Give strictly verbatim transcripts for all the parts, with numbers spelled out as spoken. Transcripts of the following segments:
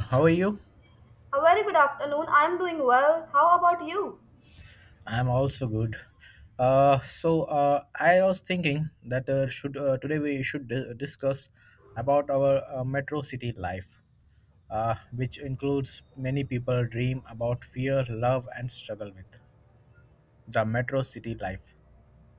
How are you? A very good afternoon. I'm doing well. How about you? I'm also good. Uh, so uh, I was thinking that uh, should uh, today we should di- discuss about our uh, metro city life, uh, which includes many people dream about fear, love, and struggle with the metro city life.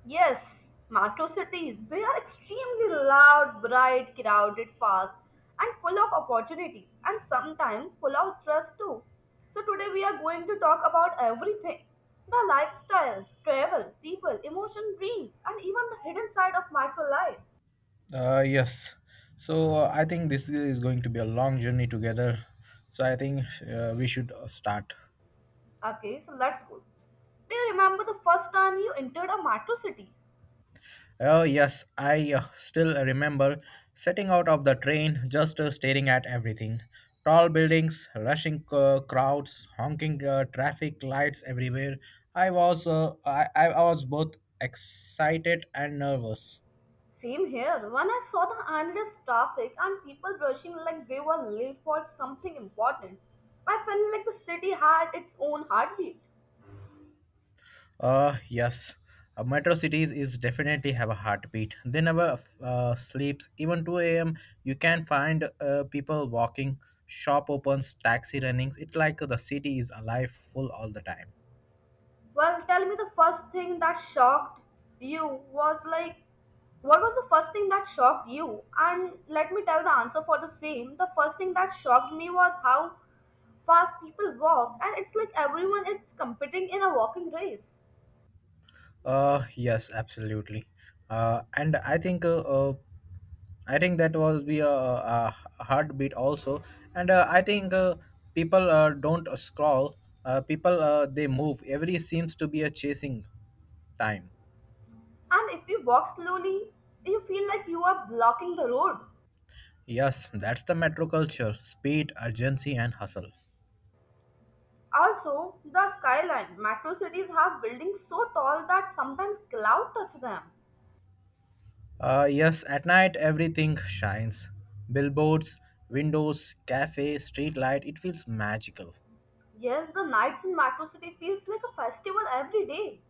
Yes, metro cities. They are extremely loud, bright, crowded, fast, and full of opportunities, and sometimes full of stress too. So, today we are going to talk about everything the lifestyle, travel, people, emotion, dreams, and even the hidden side of metro life. Uh, yes. So uh, I think this is going to be a long journey together. So I think uh, we should uh, start. Okay, so let's go. Do you remember the first time you entered a metro city? Oh, yes, I uh, still remember setting out of the train just uh, staring at everything. Tall buildings, rushing uh, crowds, honking uh, traffic lights everywhere. I was uh, I, I was both excited and nervous. Same here. When I saw the endless traffic and people rushing like they were late for something important, I felt like the city had its own heartbeat. Uh, yes. Uh, metro cities is definitely have a heartbeat. They never uh, sleeps. Even two a m you can find uh, people walking, shop opens, taxi runnings. It's like the city is alive full all the time. Well, tell me the first thing that shocked you was like, what was the first thing that shocked you? And let me tell the answer for the same. The first thing that shocked me was how fast people walk, and it's like everyone is competing in a walking race. Uh, yes, absolutely. Uh, and I think uh, uh, I think that was be a, a heartbeat also. And uh, I think uh, people uh, don't scroll. Uh, people uh, they move. Every seems to be a chasing time. And if you walk slowly, you feel like you are blocking the road. Yes, that's the metro culture: speed, urgency, and hustle. Also, the skyline. Metro cities have buildings so tall that sometimes cloud touch them. Uh, yes, at night everything shines. Billboards, windows, cafe, street light. It feels magical. Yes, the nights in metro city feels like a festival every day.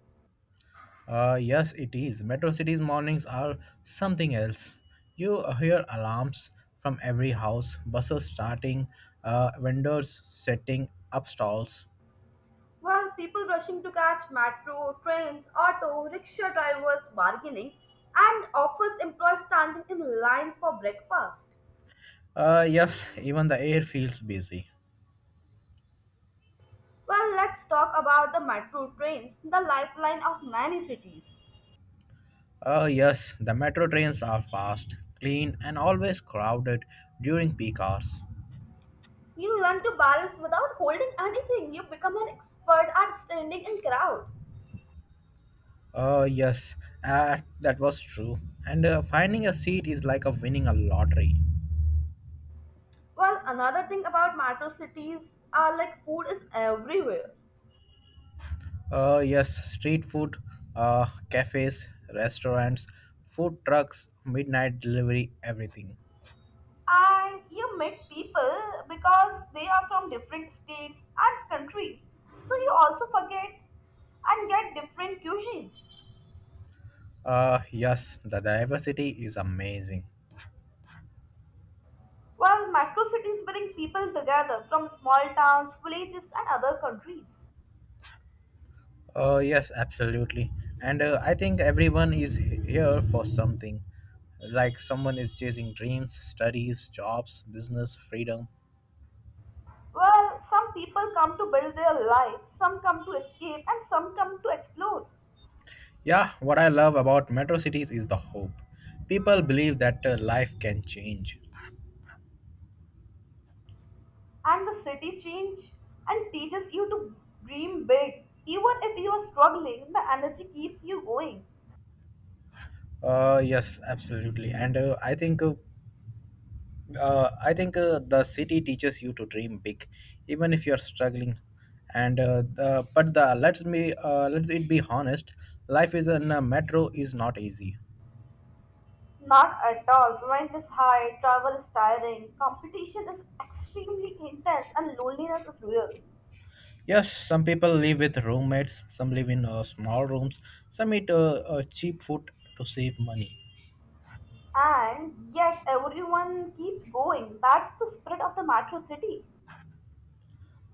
Uh, yes, it is. Metro cities mornings are something else. You hear alarms from every house, buses starting, uh, vendors setting up stalls. While people rushing to catch metro, trains, auto, rickshaw drivers bargaining, and office employees standing in lines for breakfast. Uh, yes, even the air feels busy. Well, let's talk about the metro trains, the lifeline of many cities. Uh, yes, the metro trains are fast, clean, and always crowded during peak hours. You learn to balance without holding anything. You become an expert at standing in crowd. Uh, yes, uh, that was true. And uh, finding a seat is like a winning a lottery. Well, another thing about metro cities are like food is everywhere. Uh, yes, street food, uh, cafes, restaurants, food trucks, midnight delivery, everything. And you meet people because they are from different states and countries. So you also forget and get different cuisines. Uh, yes, the diversity is amazing. Well, metro cities bring people together from small towns, villages, and other countries. Uh, yes, absolutely. And uh, I think everyone is here for something. Like someone is chasing dreams, studies, jobs, business, freedom. Well, some people come to build their lives, some come to escape, and some come to explore. Yeah, what I love about metro cities is the hope. People believe that uh, life can change. And the city change and teaches you to dream big. Even if you are struggling, the energy keeps you going. Uh, yes, absolutely. And uh, I think uh, Uh, I think uh, the city teaches you to dream big, even if you're struggling. And uh, the, but the let's me uh, let it be honest, life is in a metro is not easy. Not at all. Rent is high, travel is tiring, competition is extremely intense, and loneliness is real. Yes, some people live with roommates, some live in uh, small rooms, some eat uh, uh, cheap food to save money. And yet, everyone keeps going. That's the spirit of the metro city.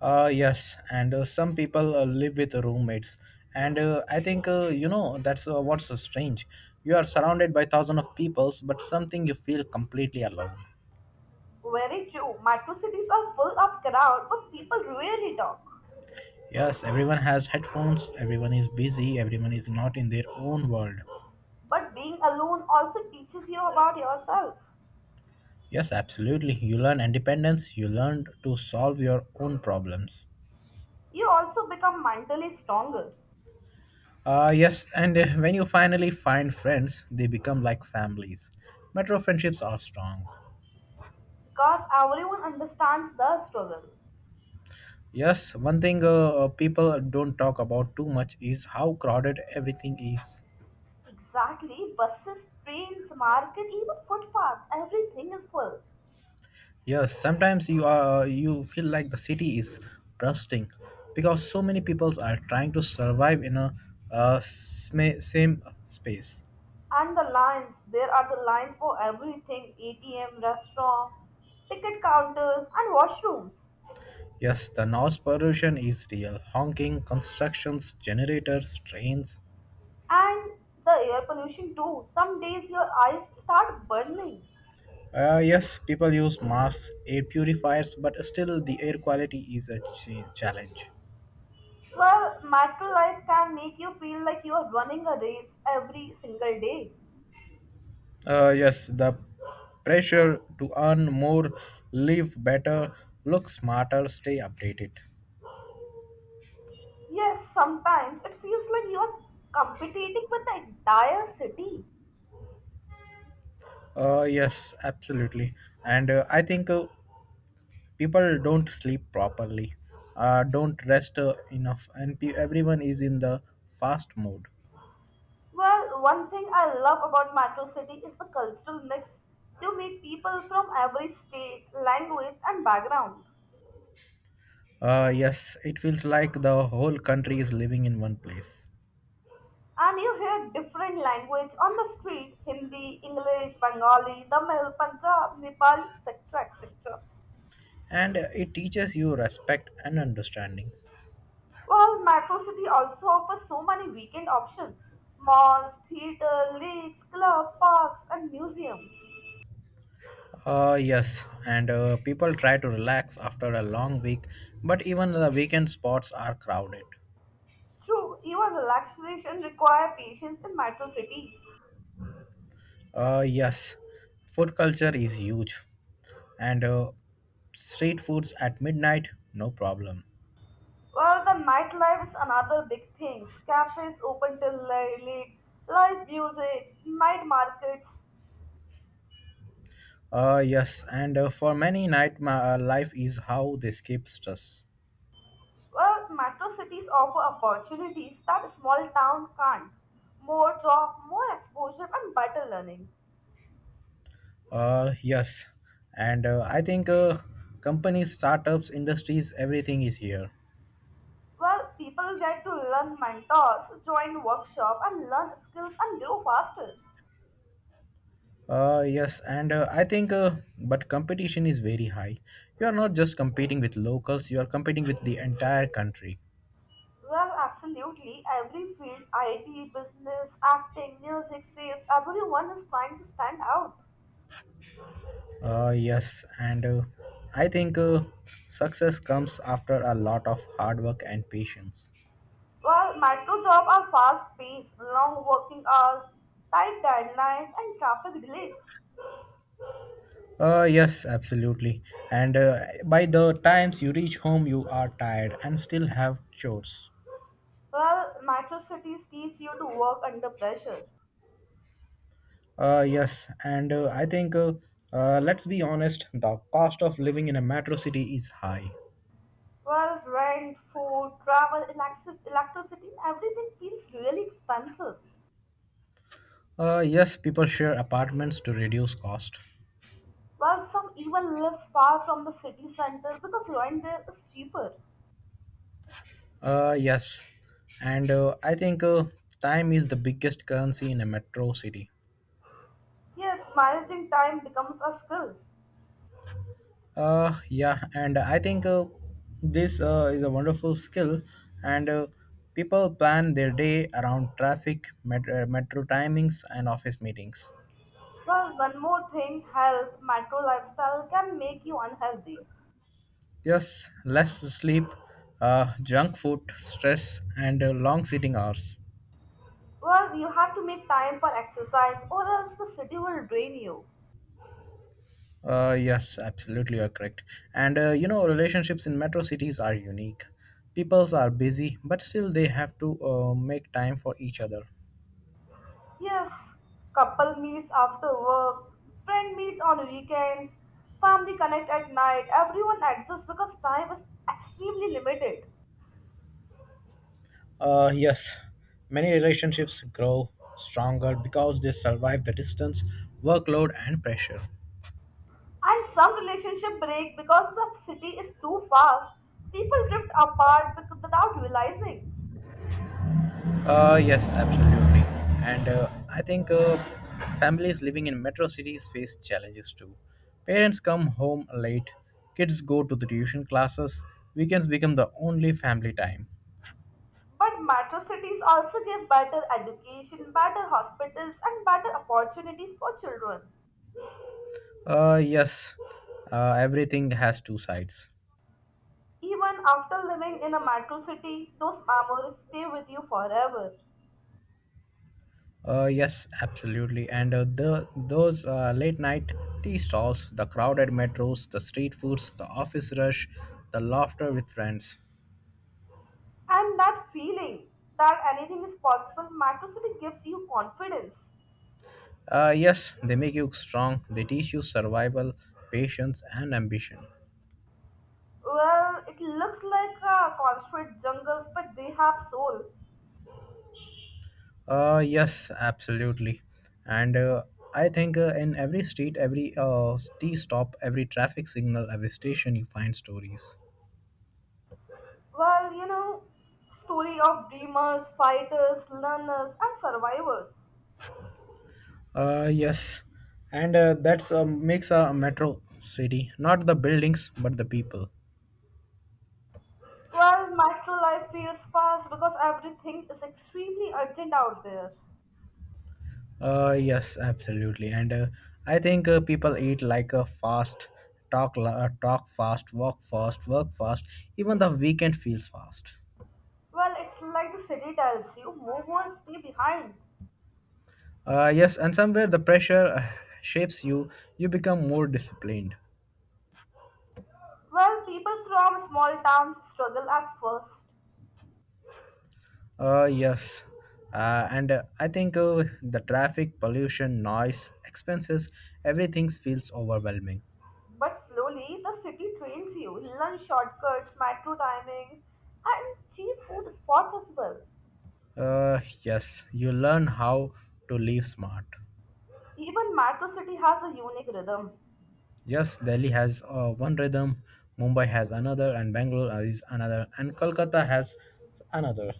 Uh, yes, and uh, some people uh, live with roommates, and uh, I think uh, you know that's uh, what's strange. You are surrounded by thousands of peoples, but something you feel completely alone. Very true. Metro cities are full of crowd, but people rarely talk. Yes, everyone has headphones, everyone is busy, everyone is not in their own world. But being alone also teaches you about yourself. Yes, absolutely. You learn independence, you learn to solve your own problems. You also become mentally stronger. Uh, yes, and uh, when you finally find friends, they become like families. Metro friendships are strong. Because everyone understands the struggle. Yes, one thing uh, uh, people don't talk about too much is how crowded everything is. Exactly. Buses, trains, market, even footpath, everything is full. Yes, sometimes you are you feel like the city is rusting because so many peoples are trying to survive in a uh, sma- same space. And the lines, there are the lines for everything A T M, restaurant, ticket counters, and washrooms. Yes, the noise pollution is real. Honking, constructions, generators, trains. And the air pollution too. Some days your eyes start burning. Uh, yes, people use masks, air purifiers, but still the air quality is a ch- challenge. Well, metro life can make you feel like you are running a race every single day. Uh, yes, the pressure to earn more, live better, look smarter, stay updated. Yes, sometimes it feels like you are competing with the entire city. Uh, yes, absolutely. And uh, I think uh, people don't sleep properly, uh, don't rest uh, enough, and pe- everyone is in the fast mode. Well, one thing I love about Metro City is the cultural mix. You meet people from every state, language, and background. Uh, yes, it feels like the whole country is living in one place. And you hear different language on the street Hindi, English, Bengali, Tamil, Punjab, Nepali, et cetera et cetera. And uh, it teaches you respect and understanding. While Metro City also offers so many weekend options malls, theater, lakes, club, parks, and museums. Uh, yes, and uh, people try to relax after a long week, but even the weekend spots are crowded. True, even relaxation require patience in Metro City. Uh, yes, food culture is huge. and uh, street foods at midnight, no problem. Well, the nightlife is another big thing. Cafes open till la- late, live music, night markets. Uh yes and uh, for many night my uh, life is how they escape stress. Well, metro cities offer opportunities that a small town can't. More job, more exposure, and better learning. Uh yes and uh, i think uh, companies, startups, industries, everything is here. Well, people get to learn mentors, join workshop, and learn skills and grow faster. Uh yes and uh, I think uh, but competition is very high. You are not just competing with locals, you are competing with the entire country. Well, absolutely. Every field, I T, business, acting, music, sales, everyone is trying to stand out. Uh yes and uh, i think uh, success comes after a lot of hard work and patience. While metro jobs are fast paced, long working hours, tight deadlines, and traffic delays. Uh, yes, absolutely. And uh, by the times you reach home, you are tired and still have chores. While metro cities teach you to work under pressure. Uh, yes, and uh, I think uh, uh, let's be honest, the cost of living in a metro city is high. Well, rent, food, travel, elec- electricity, everything feels really expensive. Uh, yes, people share apartments to reduce cost. While some even lives far from the city center because rent there is cheaper. Uh, yes, and uh, I think uh, time is the biggest currency in a metro city. Yes, managing time becomes a skill. Uh, yeah, and I think uh, this uh, is a wonderful skill, and uh, people plan their day around traffic, met- uh, metro timings, and office meetings. Well, one more thing, health, metro lifestyle can make you unhealthy. Yes, less sleep, uh, junk food, stress, and uh, long sitting hours. Well, you have to make time for exercise or else the city will drain you. Uh, yes, absolutely, you're correct. And uh, you know, relationships in metro cities are unique. Peoples are busy, but still they have to uh, make time for each other. Yes, couple meets after work, friend meets on weekends, family connect at night. Everyone exists because time is extremely limited. Uh, yes, many relationships grow stronger because they survive the distance, workload, and pressure. And some relationship break because the city is too fast. People drift apart bec- without realizing. Uh, yes, absolutely. And uh, I think uh, families living in metro cities face challenges too. Parents come home late, kids go to the tuition classes, weekends become the only family time. But metro cities also give better education, better hospitals, and better opportunities for children. Uh, yes, uh, everything has two sides. Even after living in a metro city, those memories stay with you forever. Uh, yes, absolutely. And uh, the those uh, late night tea stalls, the crowded metros, the street foods, the office rush, the laughter with friends. And that feeling that anything is possible, metro city gives you confidence. Uh, yes, they make you strong. They teach you survival, patience, and ambition. Well, it looks like uh, concrete jungles, but they have soul. Uh, yes, absolutely. And uh, I think uh, in every street, every uh, tea stop, every traffic signal, every station, you find stories. Well, you know, story of dreamers, fighters, learners, and survivors. Uh, yes, and uh, that's uh, makes a metro city, not the buildings but the people. Well, metro life feels fast because everything is extremely urgent out there. Uh, yes, absolutely, and uh, I think uh, people eat like a fast, talk la- uh, talk fast, walk fast, work fast. Even the weekend feels fast. Well, it's like the city tells you, move on, stay behind. Uh, yes, and somewhere the pressure uh, shapes you. You become more disciplined. Well, people from small towns struggle at first, Uh, yes. Uh, and uh, I think uh, the traffic, pollution, noise, expenses, everything feels overwhelming. but slowly the city trains you. Lunch shortcuts, metro timings, and cheap food spots as well. Uh, yes, you learn how to live smart. Even metro city has a unique rhythm, Yes, Delhi has uh, one rhythm, Mumbai has another, and Bangalore is another, and Kolkata has another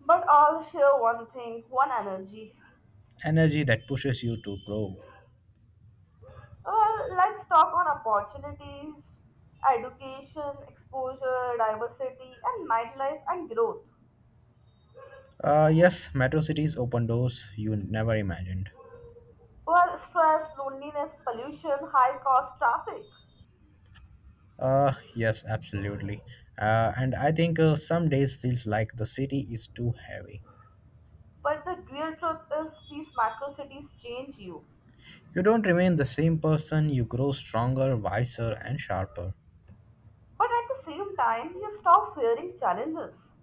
but all share one thing, one energy. energy that pushes you to grow. Well, let's talk on opportunities, education, exposure, diversity, and nightlife and growth. Uh, yes, metro cities open doors you never imagined. Well, stress, loneliness, pollution, high cost, traffic. Uh, yes, absolutely. Uh, and I think uh, some days feels like the city is too heavy. But the real truth is, these macro cities change you. You don't remain the same person, you grow stronger, wiser, and sharper. But at the same time, you stop fearing challenges.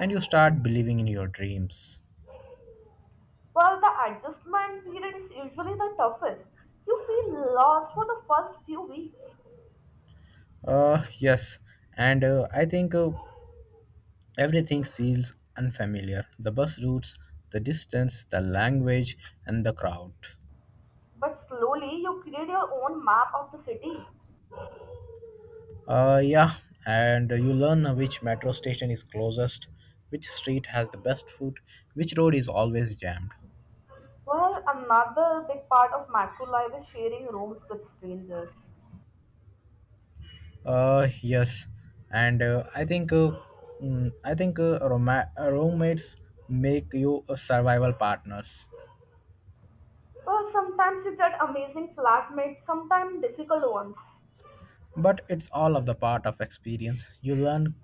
And you start believing in your dreams. While the adjustment period is usually the toughest, you feel lost for the first few weeks. Uh, yes, and uh, I think uh, everything feels unfamiliar. The bus routes, the distance, the language, and the crowd. But slowly, you create your own map of the city. Uh, yeah, and you learn which metro station is closest, which street has the best food, which road is always jammed. Well, another big part of macro life is sharing rooms with strangers. Uh, yes, and uh, I think uh, mm, I think uh, roma- uh, roommates make you uh, survival partners. Well, sometimes you get amazing flatmates, sometimes difficult ones. But it's all of the part of experience. You learn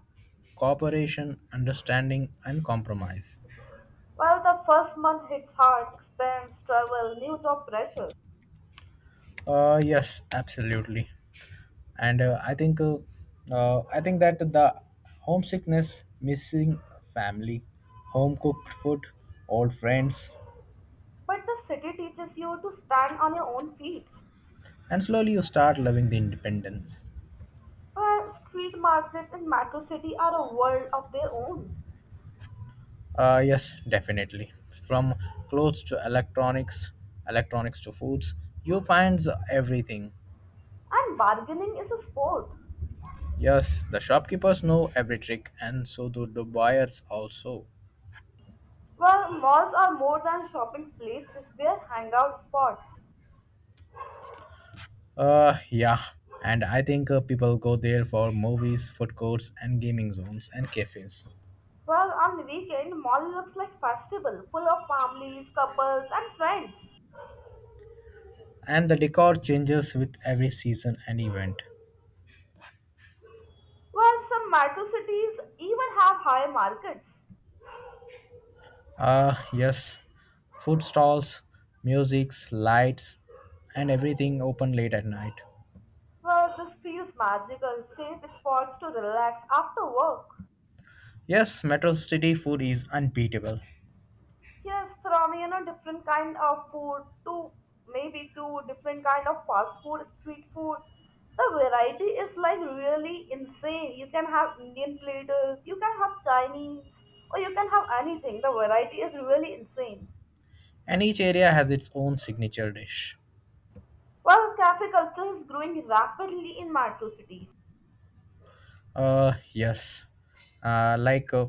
cooperation, understanding, and compromise. While the first month hits hard, expense, travel, new job pressure. Uh, yes, absolutely. And uh, I think uh, uh, I think that the homesickness, missing family, home cooked food, old friends, But the city teaches you to stand on your own feet. and slowly you start loving the independence. Where street markets in Metro City are a world of their own. Uh, yes, definitely. From clothes to electronics, electronics to foods, you find everything. And bargaining is a sport. Yes, the shopkeepers know every trick, and so do the buyers also. Where malls are more than shopping places, they are hangout spots. Uh, yeah, and I think uh, people go there for movies, food courts, and gaming zones and cafes. Well, on the weekend, mall looks like festival, full of families, couples, and friends. And the decor changes with every season and event. Well, some metro cities even have high markets. Uh, yes, food stalls, musics, lights, and everything open late at night. Well, this feels magical, safe spots to relax after work. Yes, Metro City food is unbeatable, Yes, from you know different kind of food to maybe to different kind of fast food, street food. The variety is like really insane. You can have Indian platters, you can have Chinese, or you can have anything. The variety is really insane. and each area has its own signature dish. While cafe culture is growing rapidly in metro cities, Uh, yes, uh, like uh,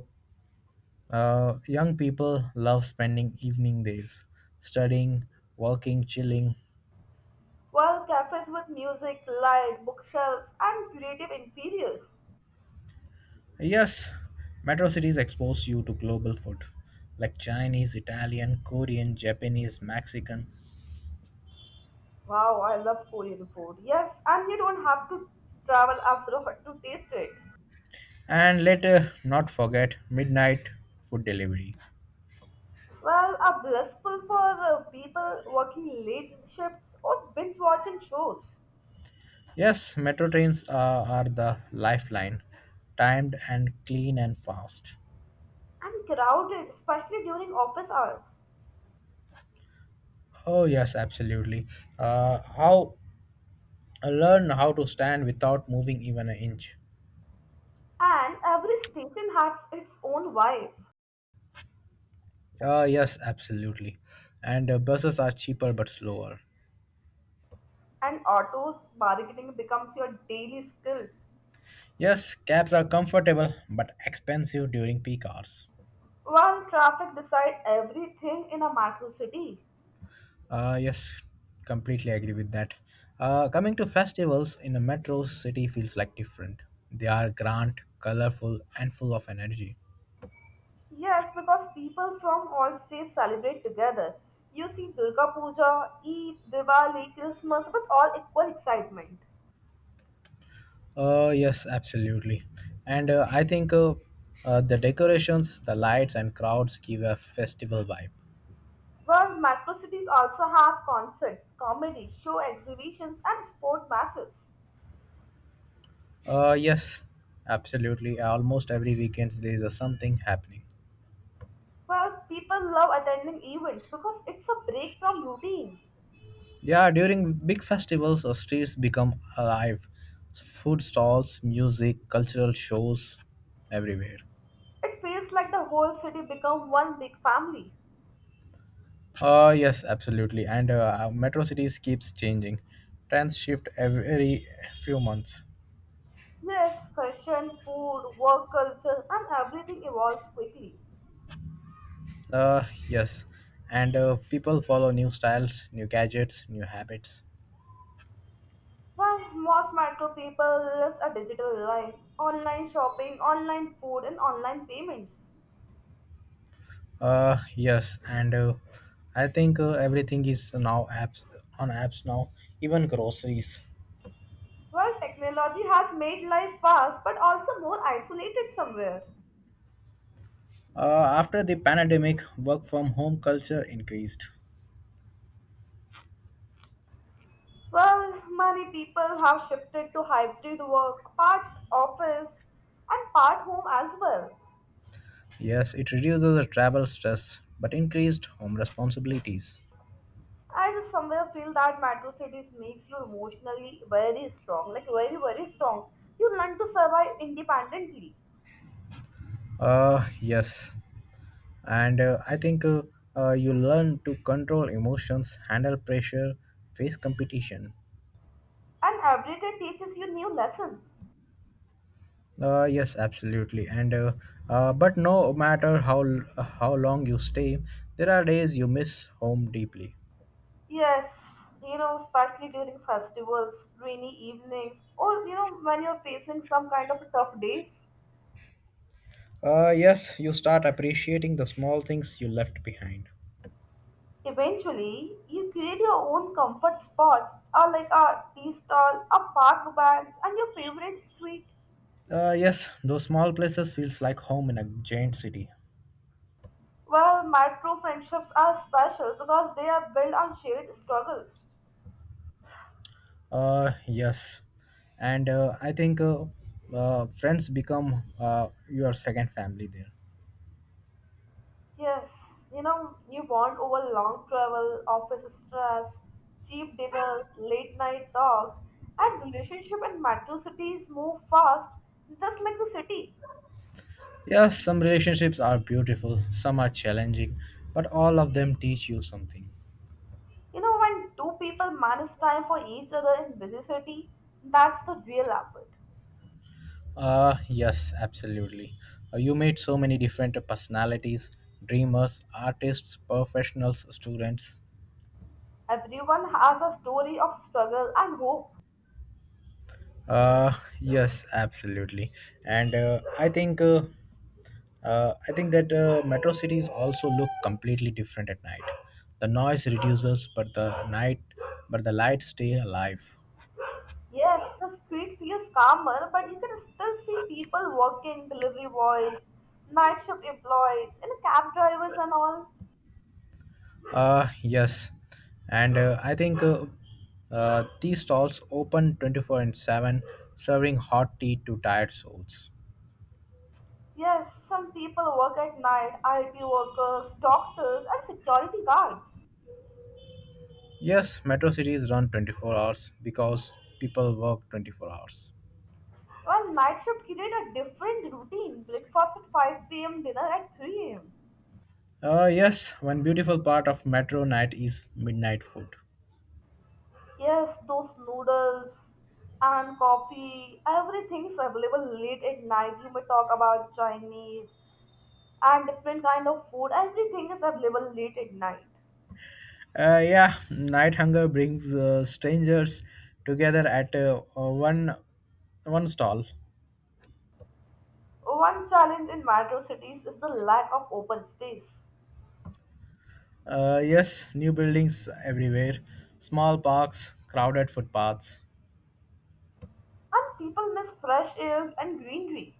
Uh, young people love spending evening days studying, working, chilling. while cafes with music, light, bookshelves, and creative interiors. Yes, metro cities expose you to global food like Chinese, Italian, Korean, Japanese, Mexican, Wow, I love Korean food. Yes, and you don't have to travel abroad to taste it. and later, not forget, midnight food delivery. Well, are blissful for uh, people working late shifts or binge watching shows, Yes, metro trains are, are the lifeline, timed and clean and fast. and crowded, especially during office hours. Oh, yes, absolutely. Uh, how Learn how to stand without moving even an inch. And every station has its own vibe, Uh, yes, absolutely. And uh, buses are cheaper but slower. and autos bargaining becomes your daily skill. Yes, cabs are comfortable but expensive during peak hours. While traffic decides everything in a metro city. Uh, yes, completely agree with that. Uh, coming to festivals in a metro city feels like different. They are grand, colorful, and full of energy. Yes, because people from all states celebrate together. You see Durga Puja, Eid, Diwali, Christmas with all equal excitement. Uh, yes, absolutely. And uh, I think uh, uh, the decorations, the lights, and crowds give a festival vibe. Where macrocities also have concerts, comedy, show exhibitions, and sport matches. Uh, yes, absolutely. Almost every weekend there is a something happening. Well, people love attending events because it's a break from routine. Yeah, during big festivals, our streets become alive. Food stalls, music, cultural shows, everywhere. It feels like the whole city become one big family. Uh, yes, absolutely. And uh, our metro cities keeps changing. Trends shift every few months. Yes, fashion, food, work culture, and everything evolves quickly. Uh, yes. And uh, people follow new styles, new gadgets, new habits. Well, most metro people lives a digital life, online shopping, online food, and online payments. Uh, yes. And uh, I think uh, everything is now apps on apps now, even groceries. Well, technology has made life fast but also more isolated somewhere. Uh, After the pandemic, work from home culture increased. Well, many people have shifted to hybrid work, part office and part home as well. Yes, it reduces the travel stress but increased home responsibilities. I just somewhere feel that metro cities makes you emotionally very strong, like very very strong. You learn to survive independently, Uh, yes, and uh, I think uh, uh, you learn to control emotions, handle pressure, face competition. and every day teaches you new lesson. Uh, yes, absolutely. And uh, uh, But no matter how how long you stay, there are days you miss home deeply. Yes, you know, especially during festivals, rainy evenings, or you know when you're facing some kind of tough days. Uh, yes, you start appreciating the small things you left behind. Eventually, you create your own comfort spots, uh, like a tea stall, a park bench, and your favorite street. Uh, yes, those small places feels like home in a giant city. Well, my true friendships are special because they are built on shared struggles. Uh, yes, and uh, I think uh, uh, Friends become uh, your second family there. Yes, you know, you bond over long travel, office stress, cheap dinners, late night talks, and relationship in metro cities move fast, just like the city. Yes, some relationships are beautiful, some are challenging, but all of them teach you something. You know, when two people manage time for each other in busy city, that's the real effort. Uh, yes, absolutely. Uh, you meet so many different personalities, dreamers, artists, professionals, students. Everyone has a story of struggle and hope. Uh, yes, absolutely. And uh, I think uh, Uh, I think that uh, Metro cities also look completely different at night. The noise reduces, but the night, but the light stay alive. Yes, the street feels calmer, but you can still see people working, delivery boys, night shift employees, and cab drivers and all. Uh, yes, and uh, I think uh, uh, These stalls open twenty-four and seven, serving hot tea to tired souls. Yes, some people work at night, I T workers, doctors, and security guards. Yes, metro cities run twenty-four hours because people work twenty-four hours. While night shift create a different routine, breakfast at five p m, dinner at three a m. Uh, yes, one beautiful part of metro night is midnight food. Yes, those noodles and coffee, everything's available late at night. You may talk about Chinese and different kind of food. Everything is available late at night. Uh, yeah, night hunger brings uh, strangers together at uh, uh, one one stall. One challenge in metro cities is the lack of open space. Uh, yes, new buildings everywhere, small parks, crowded footpaths. And people miss fresh air and greenery.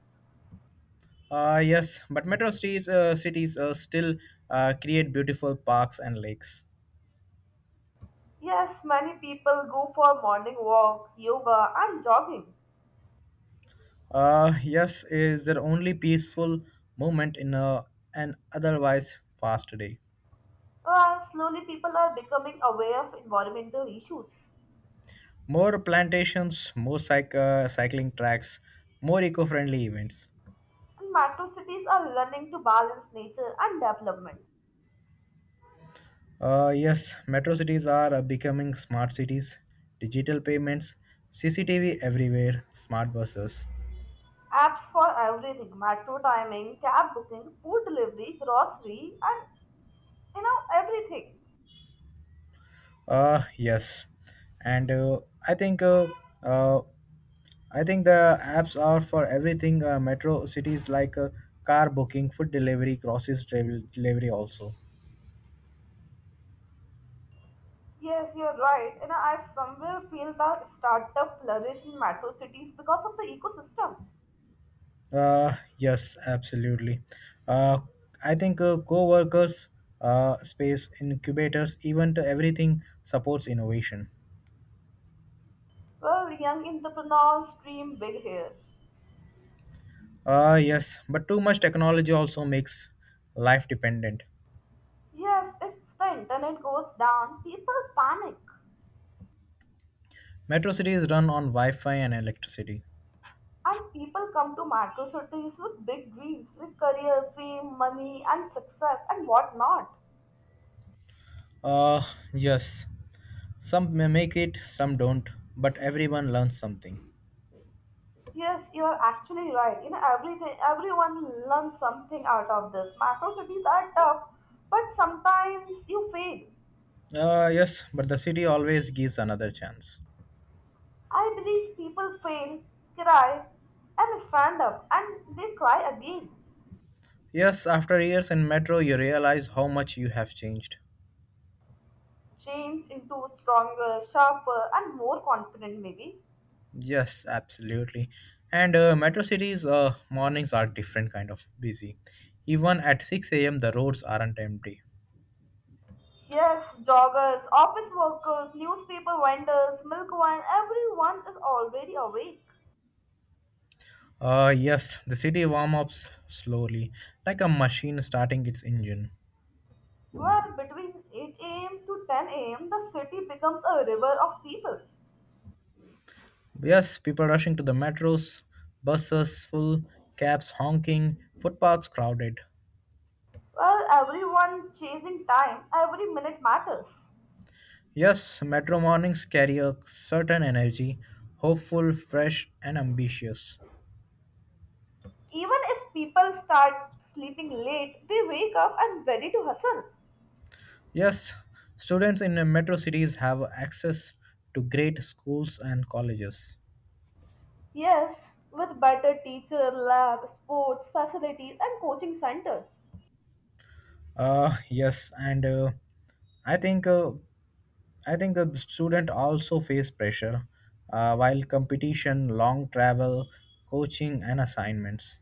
Uh, yes, but metro cities uh, cities uh, still uh, create beautiful parks and lakes. Yes, many people go for morning walk, yoga and jogging. Uh, yes, is their only peaceful moment in a, an otherwise fast day. Well, slowly people are becoming aware of environmental issues. More plantations, more cyc- uh, cycling tracks, more eco-friendly events. And metro cities are learning to balance nature and development. Uh, yes, metro cities are uh, becoming smart cities, digital payments, C C T V everywhere, smart buses. Apps for everything metro timing, cab booking, food delivery, grocery, and you know, everything. Uh, yes, and uh, I think uh, uh, I think the apps are for everything. Uh, metro cities like uh, car booking, food delivery, groceries travel delivery also. Yes, you're right. You know, I somewhere feel that startup flourish in metro cities because of the ecosystem. Uh, yes, absolutely. Uh, I think uh, co-workers, uh, space incubators, even to everything supports innovation. Well, young entrepreneurs dream big here. Uh, yes, but too much technology also makes life dependent. Yes, if the internet goes down, people panic. Metro cities run on Wi Fi and electricity. And people come to metro cities with big dreams like career, fame, money, and success, and whatnot. Uh, yes, some may make it, some don't, but everyone learns something. Yes, you are actually right. You know, everything, everyone learns something out of this. Macro cities are tough, but sometimes you fail. Uh, yes, but the city always gives another chance. I believe people fail, cry, and stand up, and they try again. Yes, after years in metro, you realize how much you have changed. Change into stronger, sharper, and more confident, maybe. Yes, absolutely. And uh, Metro cities' uh, mornings are different kind of busy. Even at six a m, the roads aren't empty. Yes, joggers, office workers, newspaper vendors, milk wine, everyone is already awake. Uh, yes, the city warm ups slowly, like a machine starting its engine. Well, between eight a m to ten a m, the city becomes a river of people. Yes, people rushing to the metros, buses full, cabs honking, footpaths crowded. Well, everyone chasing time, every minute matters. Yes, metro mornings carry a certain energy, hopeful, fresh, and ambitious. Even if people start sleeping late, they wake up and ready to hustle. Yes, students in the metro cities have access to great schools and colleges. Yes, with better teacher, lab, sports, facilities, and coaching centers. Uh, yes, and uh, I think uh, I think that The student also face pressure uh, while competition, long travel, coaching, and assignments,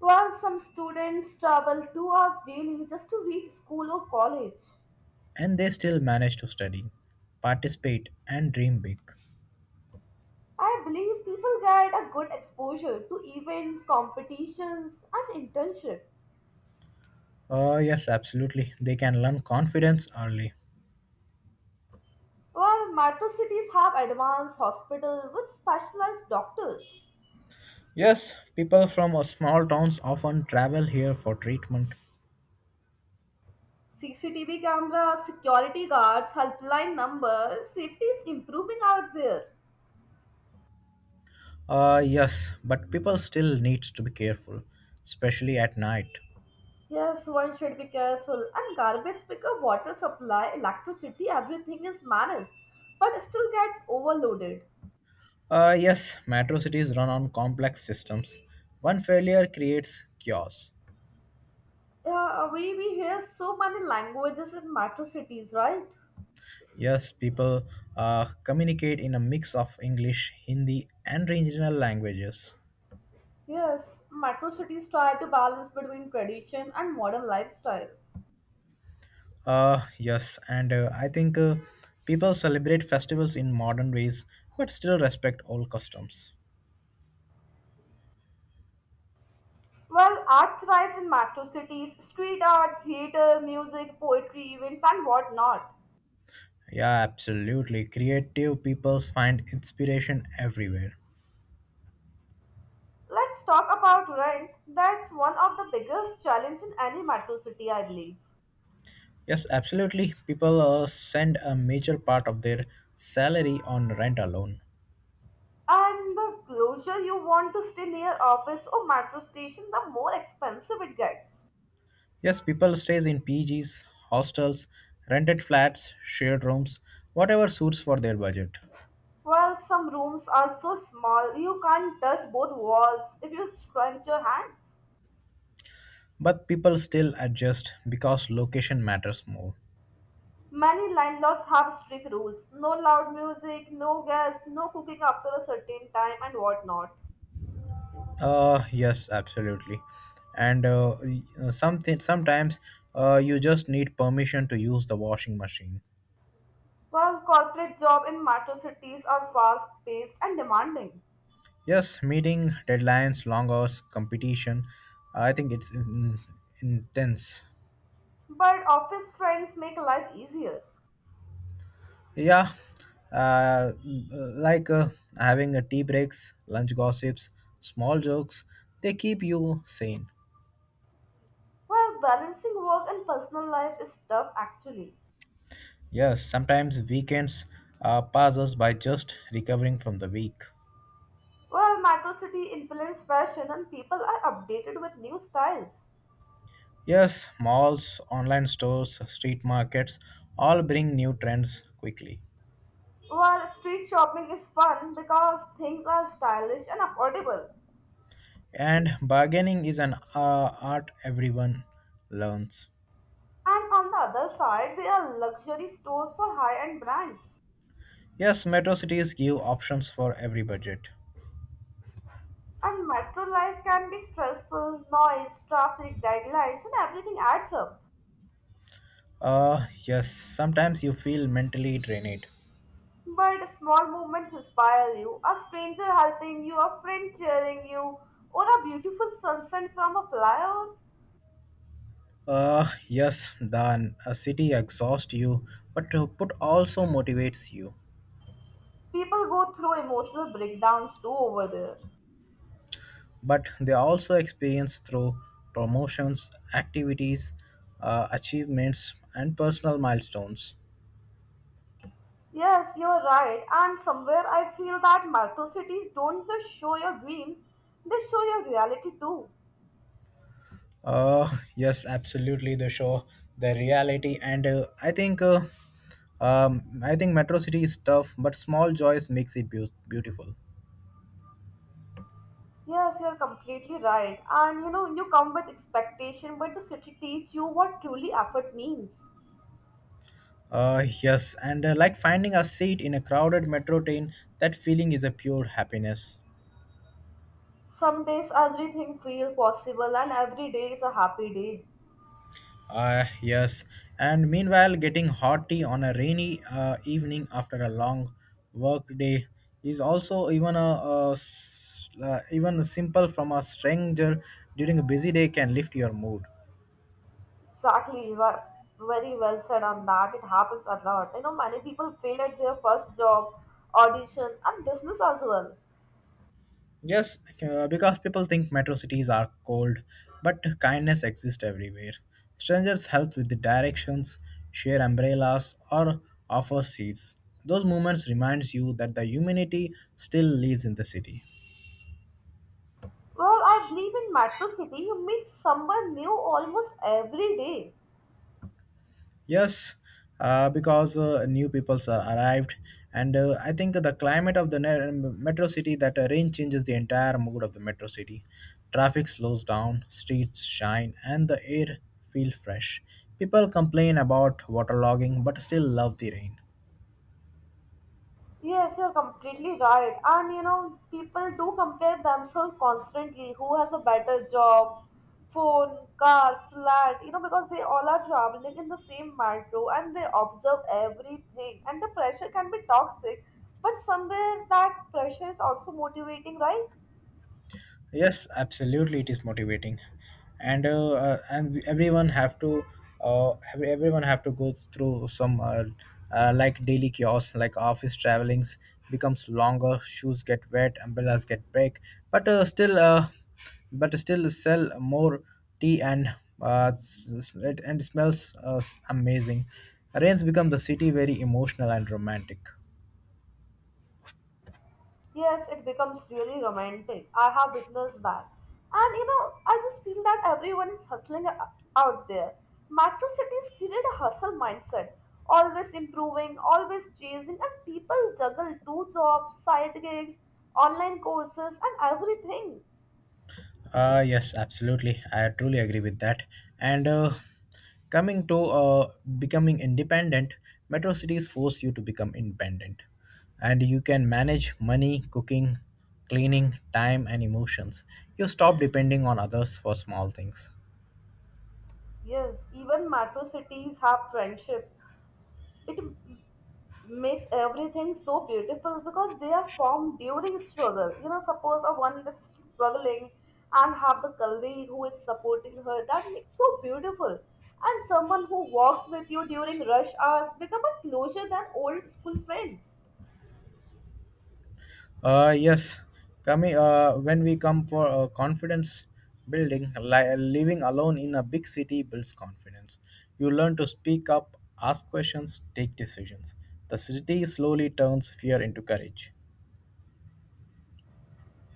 While some students travel two hours daily just to reach school or college, and they still manage to study, participate, and dream big. I believe people get a good exposure to events, competitions, and internship. Uh, yes, absolutely. They can learn confidence early. While metro cities have advanced hospitals with specialized doctors. Yes, people from uh, small towns often travel here for treatment. C C T V cameras, security guards, helpline numbers, safety is improving out there. Uh, yes, but people still needs to be careful, especially at night. Yes, one should be careful. And garbage pickup, water supply, electricity, everything is managed, but still gets overloaded. Uh, yes, metro cities run on complex systems. One failure creates chaos. Yeah, we, we hear so many languages in metro cities, right? Yes, people uh, communicate in a mix of English, Hindi, and regional languages. Yes, metro cities try to balance between tradition and modern lifestyle. Uh, yes, and uh, I think uh, People celebrate festivals in modern ways but still respect old customs. Well, art thrives in metro cities street art, theater, music, poetry, events, and whatnot. Yeah, absolutely. Creative people find inspiration everywhere. Let's talk about rent. That's one of the biggest challenges in any metro city, I believe. Yes, absolutely. People uh, send a major part of their salary on rent alone. And the closer you want to stay near office or metro station, the more expensive it gets. Yes, people stays in P Gs, hostels, rented flats, shared rooms, whatever suits for their budget. Well, some rooms are so small you can't touch both walls if you stretch your hands. But people still adjust because location matters more. Many landlords have strict rules no loud music, no gas, no cooking after a certain time, and whatnot. Uh yes, absolutely. And uh, y- uh, something sometimes uh, you just need permission to use the washing machine. Well, corporate jobs in metro cities are fast paced and demanding. Yes, meeting deadlines, long hours, competition. I think it's in, intense. But office friends make life easier. Yeah, uh, like uh, having a tea breaks, lunch gossips, small jokes, they keep you sane. Well, balancing work and personal life is tough actually. Yes, sometimes weekends uh, pass us by just recovering from the week. Well, Metro City influence fashion and people are updated with new styles. Yes, malls, online stores, street markets all bring new trends quickly. While street shopping is fun because things are stylish and affordable. And bargaining is an uh, art everyone learns. And on the other side, there are luxury stores for high-end brands. Yes, metro cities give options for every budget. And metro life can be stressful, noise, traffic, deadlines, and everything adds up. Uh, yes, sometimes you feel mentally drained. But small moments inspire you a stranger helping you, a friend cheering you, or a beautiful sunset from a flyover. Uh, yes, the uh, city exhausts you, but uh, but also motivates you. People go through emotional breakdowns too over there. But they also experience through promotions, activities, uh, achievements, and personal milestones. Yes, you're right. And somewhere I feel that metro cities don't just show your dreams, they show your reality too. Uh, yes, absolutely. They show the reality, and uh, I think, uh, um, I think Metro City is tough, but small joys makes it beau- beautiful. Yes, you're completely right. And you know, you come with expectation, but the city teaches you what truly effort means. Uh, yes, and uh, Like finding a seat in a crowded metro train, that feeling is a pure happiness. Some days everything feels possible, and every day is a happy day. Uh, yes, and meanwhile, getting hot tea on a rainy uh, evening after a long work day is also even a, a s- uh, even simple from a stranger during a busy day can lift your mood. Exactly, you are very well said on that. It happens a lot. You know, many people fail at their first job, audition, and business as well. Yes, uh, because people think metro cities are cold, but kindness exists everywhere. Strangers help with the directions, share umbrellas, or offer seats. Those moments reminds you that the humanity still lives in the city. Well, I believe in Metro City, you meet someone new almost every day. Yes, uh, because uh, new peoples are arrived, and uh, I think the climate of the ne- metro city that uh, rain changes the entire mood of the metro city. Traffic slows down, streets shine, and the air feels fresh. People complain about waterlogging, but still love the rain. Yes, you're completely right. And you know, people do compare themselves constantly. Who has a better job, phone, car, flat, you know, because they all are traveling in the same metro and they observe everything. And the pressure can be toxic, but somewhere that pressure is also motivating, right? Yes, absolutely, it is motivating, and uh, uh, and we- everyone have to uh, ev- everyone have to go through some uh, uh, like daily chaos, like office travelings becomes longer, shoes get wet, umbrellas get break, but uh, still uh, but still sell more tea and uh, s- s- it, and smells uh, s- amazing. Rains become the city very emotional and romantic. Yes, it becomes really romantic. I have witnessed that. And you know, I just feel that everyone is hustling o- out there. Metro cities create a hustle mindset, always improving, always chasing, and people juggle two jobs, side gigs, online courses, and everything. Uh, yes, absolutely. I truly agree with that. And uh, coming to uh, becoming independent, metro cities force you to become independent. And you can manage money, cooking, cleaning, time, and emotions. You stop depending on others for small things. Yes, even metro cities have friendships. It makes everything so beautiful because they are formed during struggle. You know, suppose a one is struggling and have the colleague who is supporting her, that makes so beautiful. And someone who walks with you during rush hours become a closer than old school friends. Uh, yes, coming uh, When we come for uh, confidence building, li- living alone in a big city builds confidence. You learn to speak up, ask questions, take decisions. The city slowly turns fear into courage.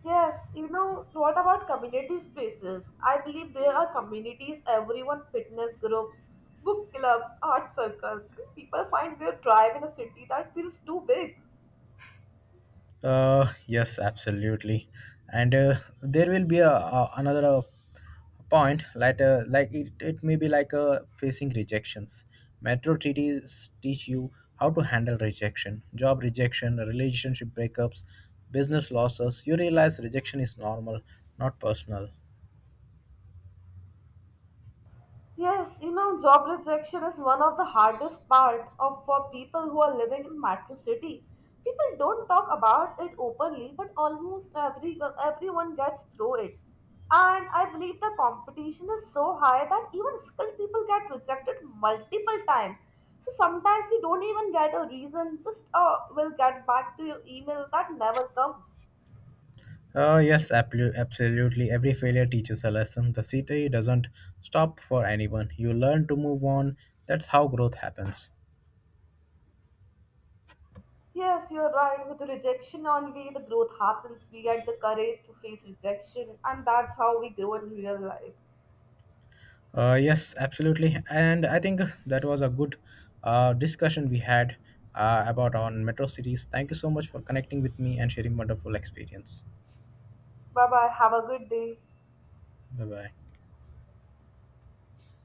Yes, you know, what about community spaces? I believe there are communities, everyone, fitness groups, book clubs, art circles, and people find their tribe in a city that feels too big. Uh, yes, absolutely, and uh, there will be a, a another uh, point later. Like it, it may be like uh, facing rejections. Metro treaties teach you how to handle rejection, job rejection, relationship breakups, business losses. You realize rejection is normal, not personal. Yes, you know, job rejection is one of the hardest part of for people who are living in metro city. People don't talk about it openly, but almost every everyone gets through it. And I believe the competition is so high that even skilled people get rejected multiple times. So sometimes you don't even get a reason, just uh, will get back to your email that never comes. Uh, yes, ablu- absolutely. Every failure teaches a lesson. The city doesn't stop for anyone. You learn to move on. That's how growth happens. Yes, you're right. With rejection only, the growth happens. We get the courage to face rejection, and that's how we grow in real life. Uh, yes, absolutely. And I think that was a good uh, discussion we had uh, about on metro cities. Thank you so much for connecting with me and sharing wonderful experience. Bye bye. Have a good day. Bye bye.